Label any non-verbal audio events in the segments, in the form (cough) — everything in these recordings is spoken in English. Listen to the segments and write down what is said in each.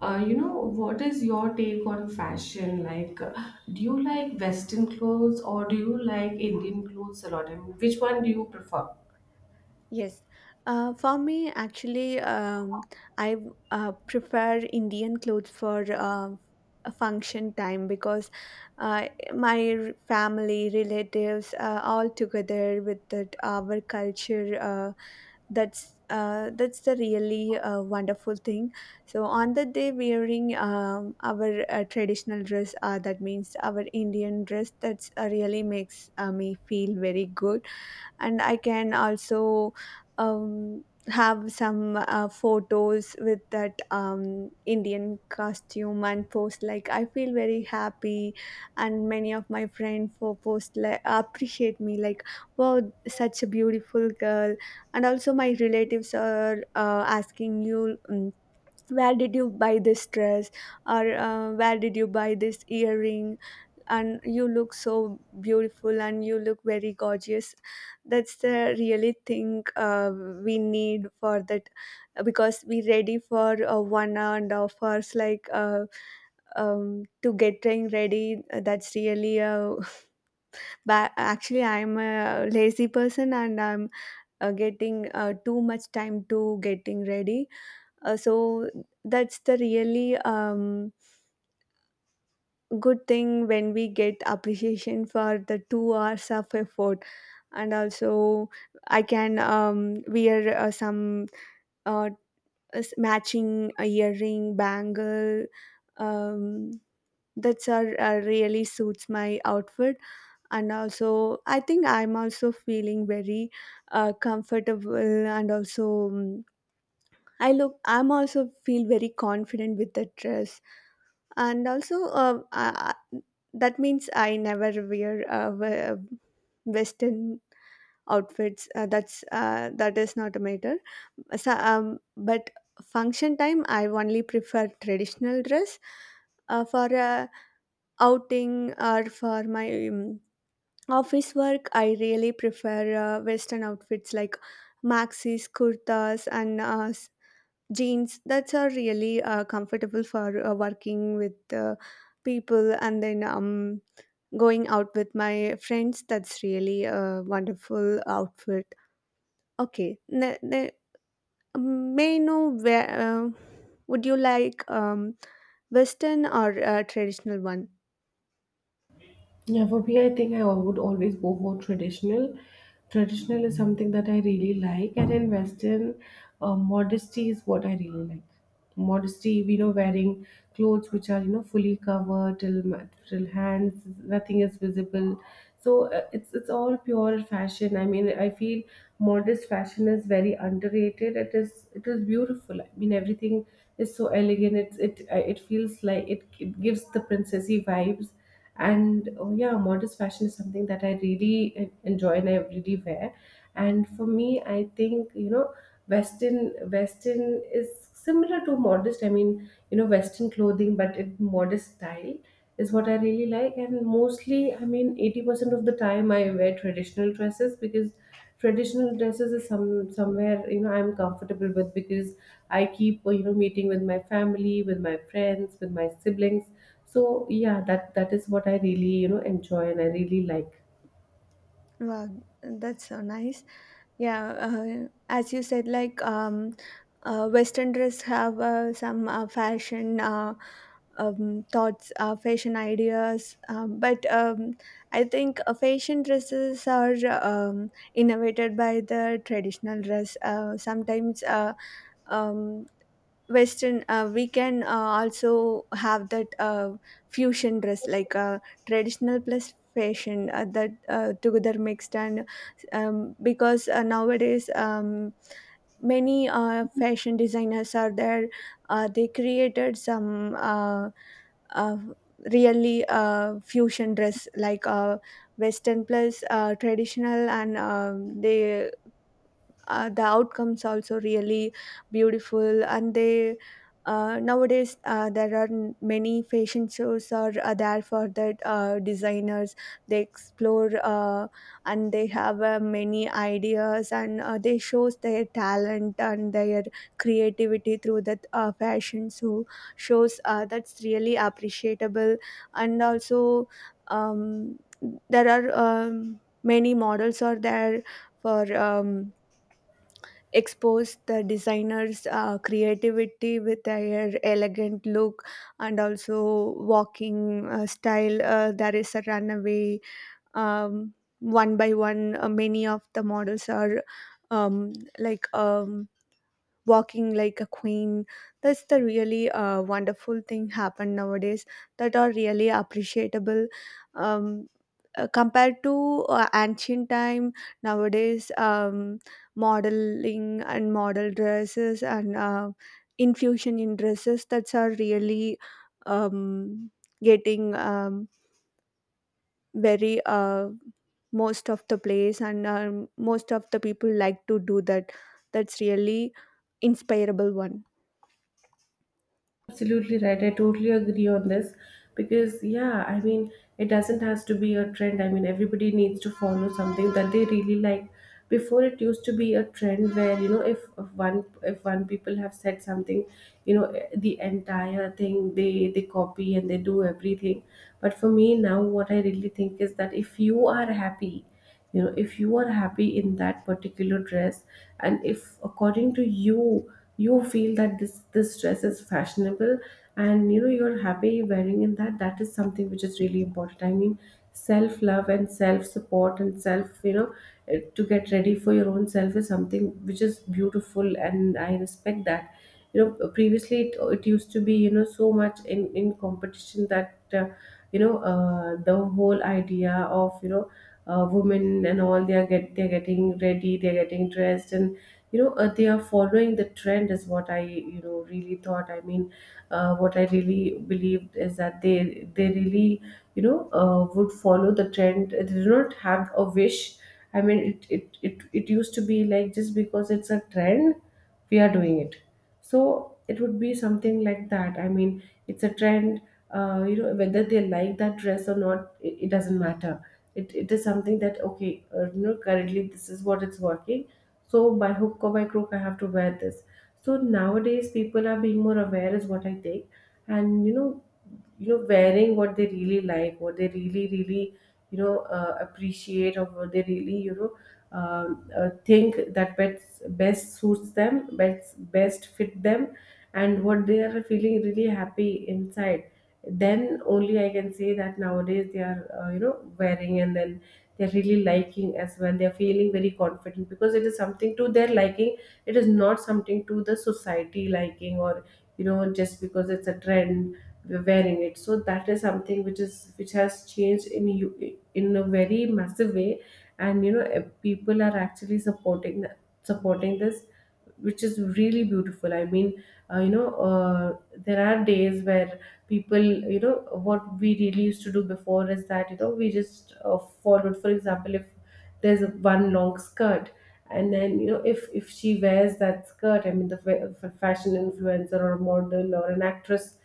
What is your take on fashion? Do you like Western clothes or do you like Indian clothes a lot? I mean, which one do you prefer? Yes, for me actually, I prefer Indian clothes for a function time because uh, family, relatives, all together with that our culture. That's the really wonderful thing. So on the day wearing our traditional dress, that means our Indian dress. That's really makes me feel very good, and I can also have some photos with that Indian costume and post, like, I feel very happy, and many of my friends for post like appreciate me like, wow, such a beautiful girl. And also my relatives are asking you, where did you buy this dress, or where did you buy this earring, and you look so beautiful and you look very gorgeous. That's the really thing we need for that, because we ready for 1.5 hours like to getting ready. That's really (laughs) actually I'm a lazy person and I'm getting too much time to getting ready. So that's the really good thing when we get appreciation for the 2 hours of effort. And also, I can wear some uh, matching earring, bangle. Um, that's are really suits my outfit, and also I think I'm also feeling very comfortable, and also I look I'm also feel very confident with the dress. And also, that means I never wear western outfits. That is not a matter. So, but function time I only prefer traditional dress. For a outing, or for my office work, I really prefer western outfits like maxis, kurtas and jeans. That's are really comfortable for working with people, and then going out with my friends, that's really a wonderful outfit. Okay. May I know where, would you like western or traditional one? Yeah, for me, I think would always go for traditional. Traditional is something that I really like, and in Western, modesty is what I really like. Modesty, you know, wearing clothes which are fully covered till hands, nothing is visible. So it's all pure fashion. I mean, I feel modest fashion is very underrated. It is beautiful. I mean, everything is so elegant. It it feels like it gives the princessy vibes, and oh yeah, modest fashion is something that I really enjoy and I really wear. And for me, I think, you know, western is similar to modest. I mean, you know, western clothing but in modest style is what I really like. And mostly, I mean, 80% of the time I wear traditional dresses because traditional dresses is somewhere, you know, I'm comfortable with, because I keep, you know, meeting with my family, with my friends, with my siblings. So yeah, that is what I really, you know, enjoy and I really like. Wow, that's so nice. Yeah, as you said, like, western dress have some fashion, thoughts, fashion ideas. But I think fashion dresses are innovated by the traditional dress. Sometimes um, Western, we can also have that fusion dress, like traditional plus fashion, that together mixed. And because nowadays many fashion designers are there. They created some uh, really fusion dress like western plus traditional, and they the outcomes also really beautiful, and they nowadays there are many fashion shows are there for that designers. They explore and they have many ideas, and they shows their talent and their creativity through that fashion so shows. That's really appreciable. And also, um, there are many models are there for expose the designer's creativity with their elegant look and also walking style. There is a runaway, um, one by one. Many of the models are um, like. Walking like a queen. That's the really wonderful thing happen nowadays, that are really appreciable. Um, Compared to ancient time, nowadays modeling and model dresses and infusion in dresses, that's are really um, getting very most of the place, and most of the people like to do that. That's really inspirable one. Absolutely right. I totally agree on this because, yeah, I mean, it doesn't has to be a trend. I mean, everybody needs to follow something that they really like. Before it used to be a trend where, you know, if one people have said something, you know, the entire thing they copy and they do everything. But for me now, what I really think is that if you are happy, you know, if you are happy in that particular dress, and if according to you, you feel that this dress is fashionable and you know you're happy wearing in that, that is something which is really important. I mean, self love and self support and self, you know, to get ready for your own self is something which is beautiful, and I respect that. You know, previously it used to be, you know, so much in competition that you know, the whole idea of, you know, women and all, they're getting ready, they're getting dressed, and you know, they are following the trend, is what I, you know, really thought. I mean, what I really believed is that they really, you know, would follow the trend, they do not have a wish. I mean, it it used to be like, just because it's a trend, we are doing it. So it would be something like that. I mean, it's a trend. You know, whether they like that dress or not, it doesn't matter. It is something that, okay, you know, currently this is what it's working. So by hook or by crook, I have to wear this. So nowadays, people are being more aware, is what I take. And you know, you know, wearing what they really like, what they really really, you know, appreciate, or what they really, you know, think that best suits them, best fit them, and what they are feeling really happy inside, then only I can say that nowadays they are, you know, wearing, and then they're really liking as well, they're feeling very confident because it is something to their liking, it is not something to the society liking, or you know, just because it's a trend, wearing it. So that is something which is which has changed in you in a very massive way. And you know, people are actually supporting this, which is really beautiful. I mean, uh, you know uh, there are days where people, you know, what we really used to do before is that, you know, we just followed. For example, if there's a one long skirt, and then you know, if she wears that skirt, I mean, the fashion influencer or model or an actress,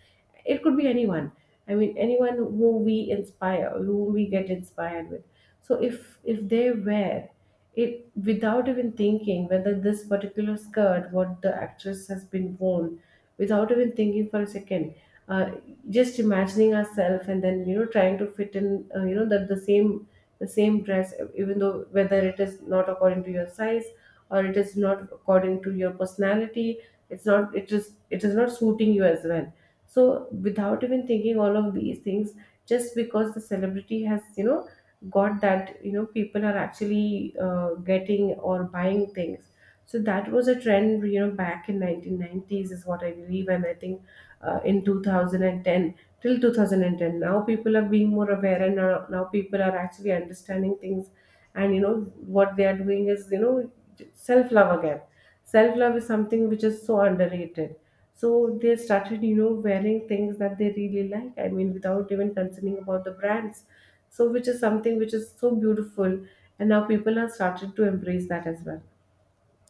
it could be anyone. I mean, anyone who we inspire, who we get inspired with. So if they wear it without even thinking whether this particular skirt what the actress has been worn, without even thinking for a second, uh, just imagining ourselves, and then you know, trying to fit in, you know, that the same dress, even though whether it is not according to your size, or it is not according to your personality, it's not it is it is not suiting you as well. So without even thinking all of these things, just because the celebrity has, you know, got that, you know, people are actually, getting or buying things. So that was a trend, you know, back in 1990s, is what I believe. And I think in 2010, till 2010, now people are being more aware, and now people are actually understanding things. And you know, what they are doing is, you know, self love again. Self love is something which is so underrated. So they started, you know, wearing things that they really like. I mean, without even concerning about the brands. So which is something which is so beautiful. And now people are started to embrace that as well.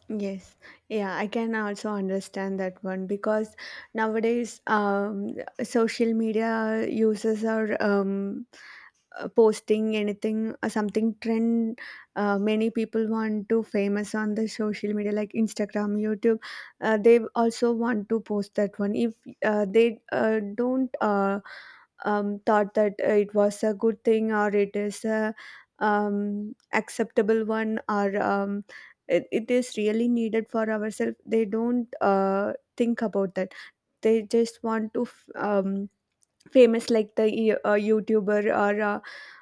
Yes, yeah, I can also understand that one because nowadays social media users are posting anything something trend. Many people want to famous on the social media like Instagram, YouTube. They also want to post that one if they don't thought that it was a good thing, or it is a acceptable one, or it is really needed for ourselves, they don't think about that. They just want to famous like the YouTuber, or uh,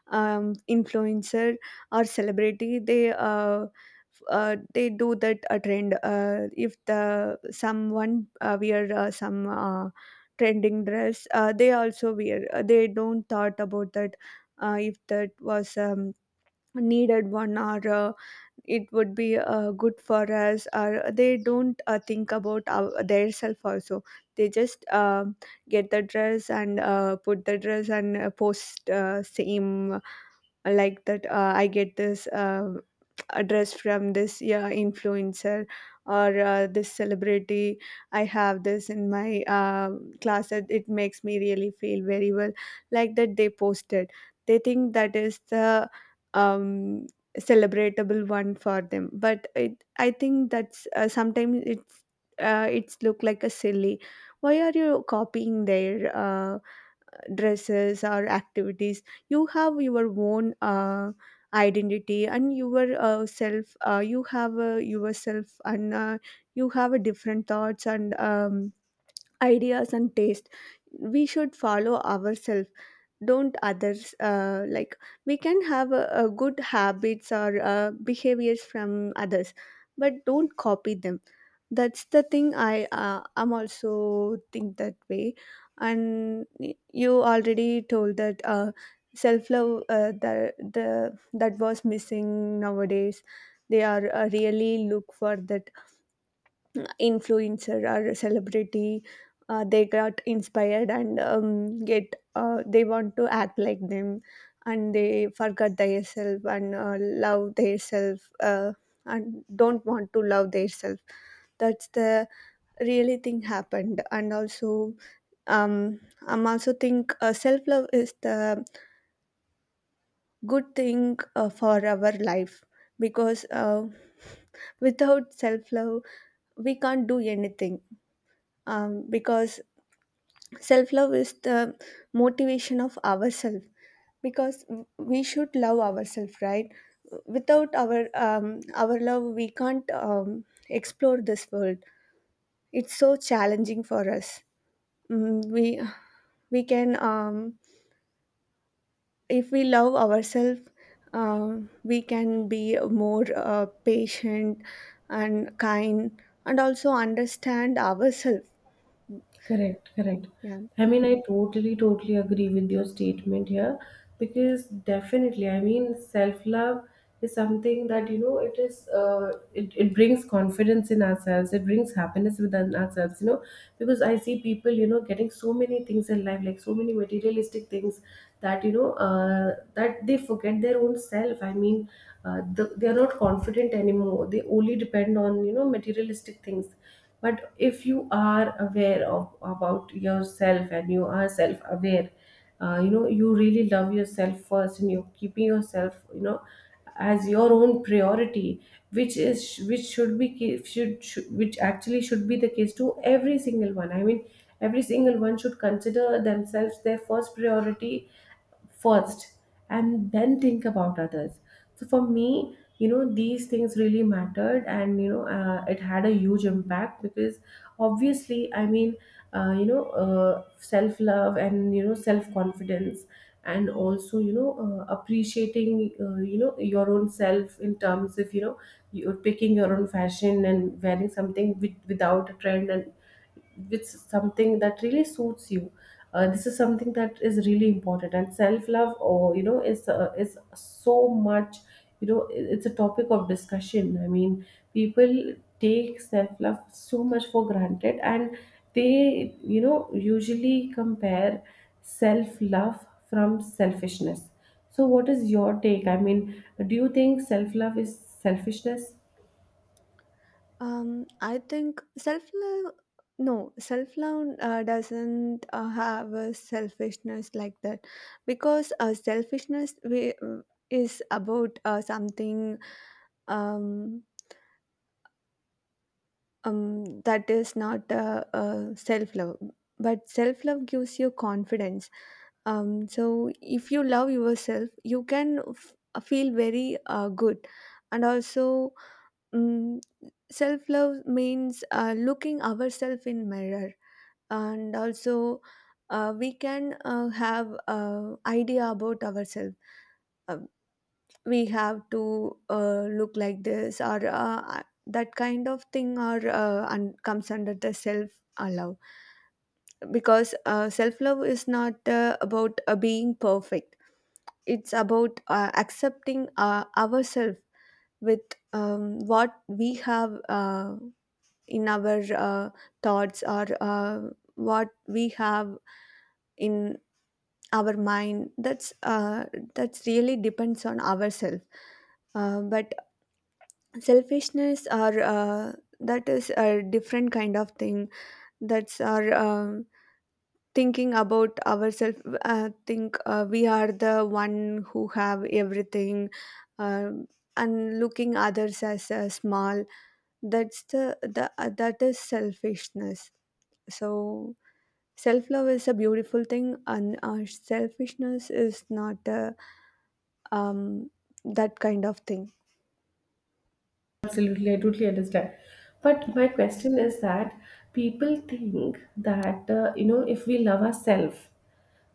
um, influencer or celebrity. They they do that trend. If the someone wear some trending dress, they also wear. They don't thought about that if that was needed one, or it would be good for us, or they don't think about our, their self also. They just get the dress and put the dress and post same, like that, I get this address from this, yeah, influencer, or this celebrity. I have this in my class that it makes me really feel very well. Like that they posted, they think that is the um, celebratable one for them. But I think that's sometimes it's look like a silly. Why are you copying their dresses or activities? You have your own identity and your self. You have yourself, and you have a different thoughts and ideas and taste. We should follow ourselves, don't others. Like, we can have a good habits or behaviors from others, but don't copy them. That's the thing I'm also think that way. And you already told that self love, the that was missing nowadays. They are really look for that influencer or celebrity. They got inspired, and get they want to act like them, and they forget their self and love their self, and don't want to love their self. That's the really thing happened. And also, um I'm also think self love is the good thing for our life, because (laughs) without self love we can't do anything. Because self love is the motivation of ourselves, because we should love ourselves, right? Without our our love we can't explore this world. It's so challenging for us. Mm, we can, if we love ourselves, we can be more patient and kind, and also understand ourselves. Correct, correct. Yeah, I mean, I totally, totally agree with your statement here, because definitely, I mean, self love is something that, you know, it is it brings confidence in ourselves, it brings happiness within ourselves, you know, because I see people, you know, getting so many things in life, like so many materialistic things, that you know, that they forget their own self I mean they are not confident anymore, they only depend on, you know, materialistic things. But if you are aware of, about yourself, and you are self aware, you know, you really love yourself first, and you're keeping yourself, you know, as your own priority, which is, which should, which actually should be the case to every single one. I mean, every single one should consider themselves their first priority, first, and then think about others. So for me, you know, these things really mattered, and you know, it had a huge impact, because obviously, I mean, self love, and you know, self confidence, and also, you know, appreciating, you know, your own self in terms of, you know, you're picking your own fashion, and wearing something without a trend, and with something that really suits you. This is something that is really important, and self love, or you know, is so much, you know, it's a topic of discussion. I mean, people take self love so much for granted, and they, you know, usually compare self love from selfishness. So what is your take? I mean, do you think self love is selfishness? I think self-love, no, self-love doesn't have a selfishness like that, because selfishness, we, is about something, um, that is not self love, but self love gives you confidence. So, if you love yourself, you can feel very good. And also, um, self love means looking ourselves in mirror, and also we can have idea about ourselves. We have to look like this, or that kind of thing, or comes under the self love. Because self love is not about being perfect. It's about accepting ourselves with what we have in our thoughts, or what we have in our mind. That's that's really depends on ourselves. But selfishness, or that is a different kind of thing. That's our thinking about ourselves, think we are the one who have everything, um and looking others as small. That's the that is selfishness. So self love is a beautiful thing, and selfishness is not a, um, that kind of thing. Absolutely, I totally understand. But my question is that people think that you know, if we love ourselves,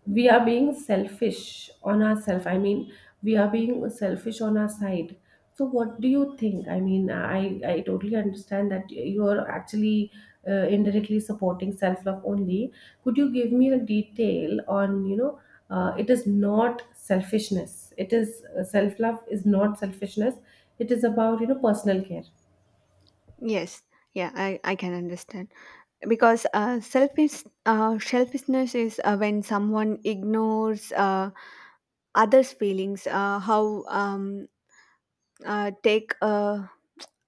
we are being selfish on ourselves. I mean, we are being selfish on our side. So, what do you think? I mean, I totally understand that you are actually indirectly supporting self love only. Could you give me a detail on, you know, it is not selfishness. It is self love is not selfishness. It is about, you know, personal care. Yes, yeah I can understand, because selfishness is when someone ignores others' feelings. How take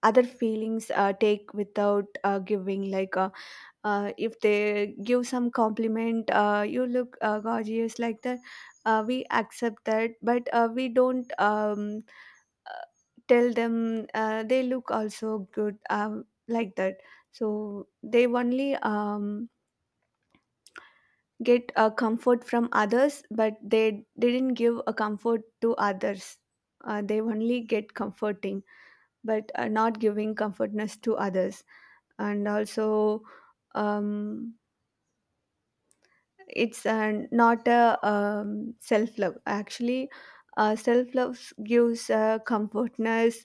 other feelings, take without giving. Like if they give some compliment, you look gorgeous, like that. We accept that, but we don't uh, tell them they look also good, like that. So they only get a comfort from others, but they didn't give a comfort to others. They only get comforting, but are not giving comfortness to others. And also, um, it's not a self-love actually. Self-love gives comfortness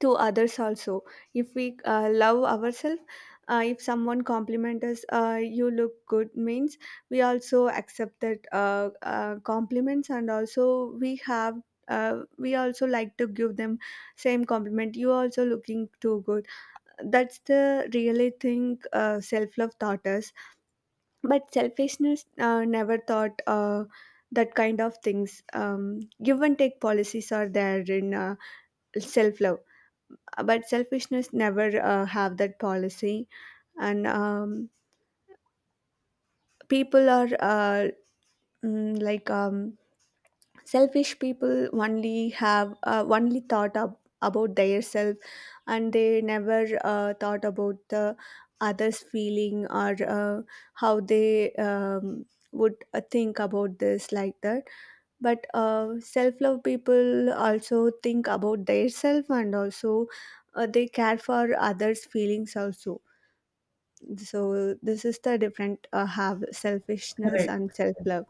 to others also. If we love ourselves, if someone compliment us, you look good, means we also accept that compliments, and also we have we also like to give them same compliment, you also looking too good. That's the really thing self-love taught us. But selfishness never taught that kind of things. Give and take policies are there in self-love, but selfishness never have that policy. And people are like, selfish people only have only thought about their self, and they never thought about the others feeling, or how they would think about this, like that. But self-love people also think about their self, and also they care for others feelings also. So this is the different have selfishness Correct. and self-love.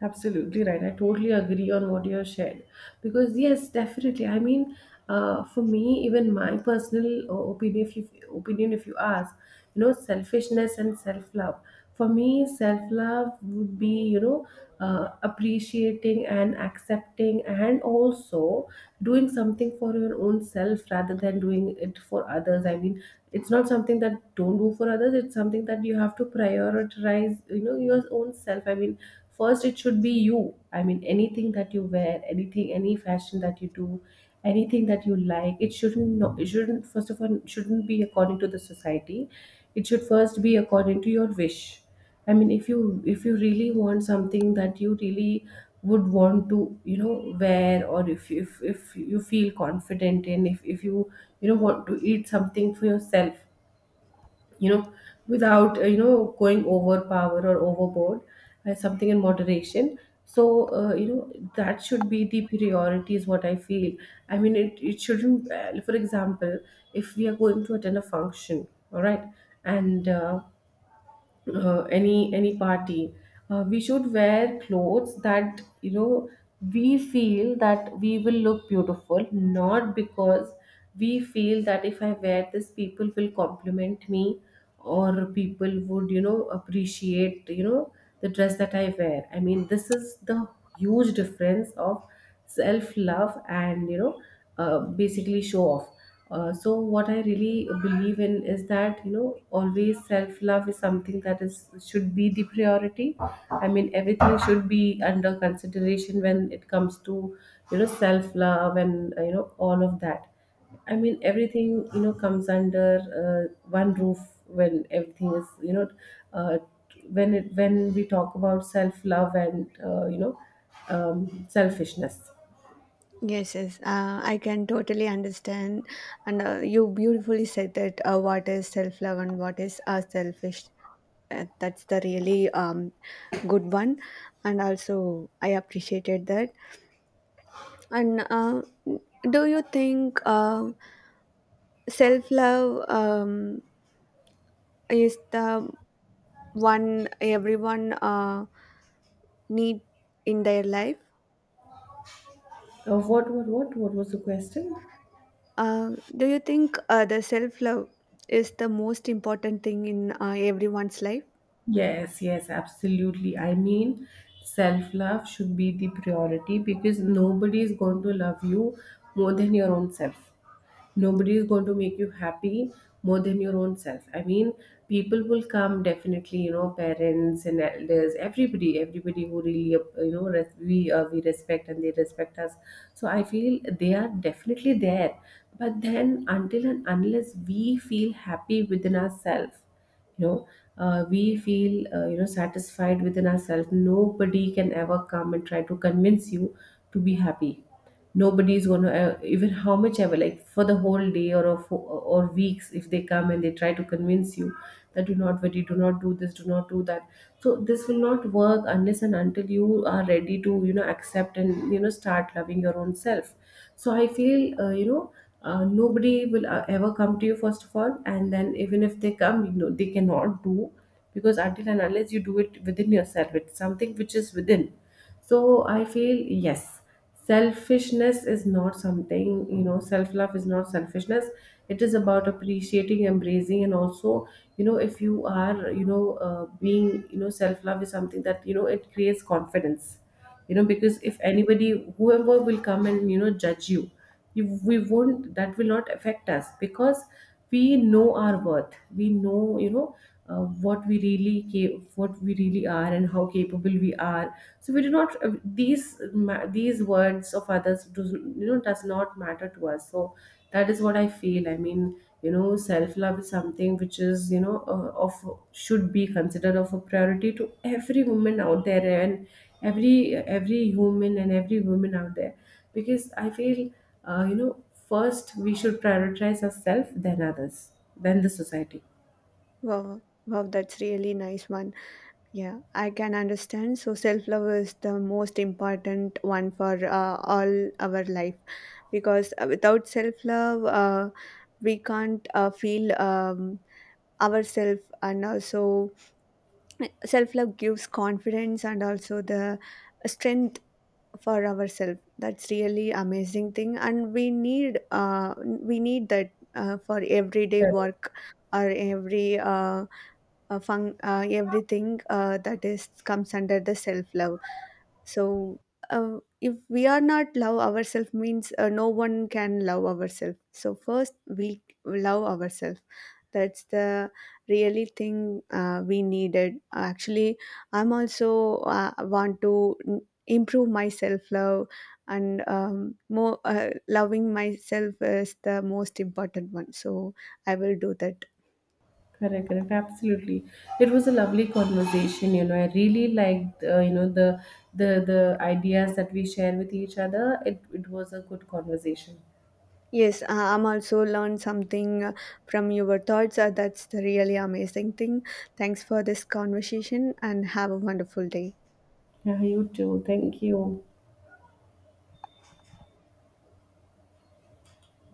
Absolutely right. I totally agree on what you have shared. Because, yes, definitely. I mean, for me, even my personal opinion, if you ask, you know, selfishness and self love. For me, self love would be, you know, appreciating and accepting, and also doing something for your own self, rather than doing it for others. I mean, it's not something that don't do for others, it's something that you have to prioritize, you know, your own self. I mean, first it should be you. I mean, anything that you wear, anything, any fashion that you do, anything that you like, it shouldn't, first of all, shouldn't be according to the society, it should first be according to your wish. I mean, if you really want something that you really would want to, you know, wear, or if you feel confident in, if you, you know, want to eat something for yourself, you know, without you know, going overpower or overboard, something in moderation. So you know, that should be the priority, is what I feel. I mean, it shouldn't. For example, if we are going to attend a function, all right, and any party, we should wear clothes that you know we feel that we will look beautiful, not because we feel that if I wear this people will compliment me or people would, you know, appreciate, you know, the dress that I wear. I mean, this is the huge difference of self love and, you know, basically show off. So what I really believe in is that, you know, always self love is something that is should be the priority. I mean, everything should be under consideration when it comes to, you know, self love and, you know, all of that. I mean, everything, you know, comes under one roof, when everything is, you know, uh, when we talk about self love and, you know, selfishness. Yes, yes, I can totally understand, and you beautifully said that what is self-love and what is selfish. That's the really good one, and also I appreciated that. And do you think self-love is the one everyone need in their life? What was the question? Uh, do you think the self love is the most important thing in everyone's life? Yes, yes, absolutely. I mean, self love should be the priority because nobody is going to love you more than your own self. Nobody is going to make you happy more than your own self. I mean, people will come definitely, you know, parents and elders, everybody, everybody who really, you know, we respect and they respect us. So I feel they are definitely there. But then, until and unless we feel happy within ourselves, you know, we feel, you know, satisfied within ourselves, nobody can ever come and try to convince you to be happy. Nobody's gonna, even how much ever, like, for the whole day or or weeks, if they come and they try to convince you that do not worry, do not do this, do not do that, so this will not work unless and until you are ready to, you know, accept and, you know, start loving your own self. So I feel, you know, nobody will, ever come to you first of all, and then even if they come, you know, they cannot do, because until and unless you do it within yourself, it's something which is within. So I feel, yes, selfishness is not something, you know, self love is not selfishness. It is about appreciating, embracing, and also, you know, if you are, you know, being, you know, self love is something that, you know, it creates confidence. You know, because if anybody, whoever will come and, you know, judge you, we won't, that will not affect us, because we know our worth, we know, you know, what we really are and how capable we are. So we do not, these words of others do, you know, does not matter to us. So that is what I feel. I mean, you know, self love is something which is, you know, of should be considered of a priority to every woman out there, and every human and every woman out there, because I feel, you know, first we should prioritize ourselves, then others, then the society. Wow, wow, that's really nice one. Yeah, I can understand. So self love is the most important one for all our life, because without self love, we can't feel ourselves. And also self love gives confidence and also the strength for ourselves. That's really amazing thing, and we need that for everyday work, or every fun, everything that is comes under the self love. So if we are not love ourselves means no one can love ourselves, so first we love ourselves. That's the really thing we needed actually. I'm also want to improve my self love, and more loving myself is the most important one, so I will do that. Correct, correct, absolutely. It was a lovely conversation. You know, I really liked, you know, the the ideas that we share with each other. It was a good conversation. Yes, I'm also learned something from your thoughts. That's the really amazing thing. Thanks for this conversation, and have a wonderful day. Yeah, you too. Thank you.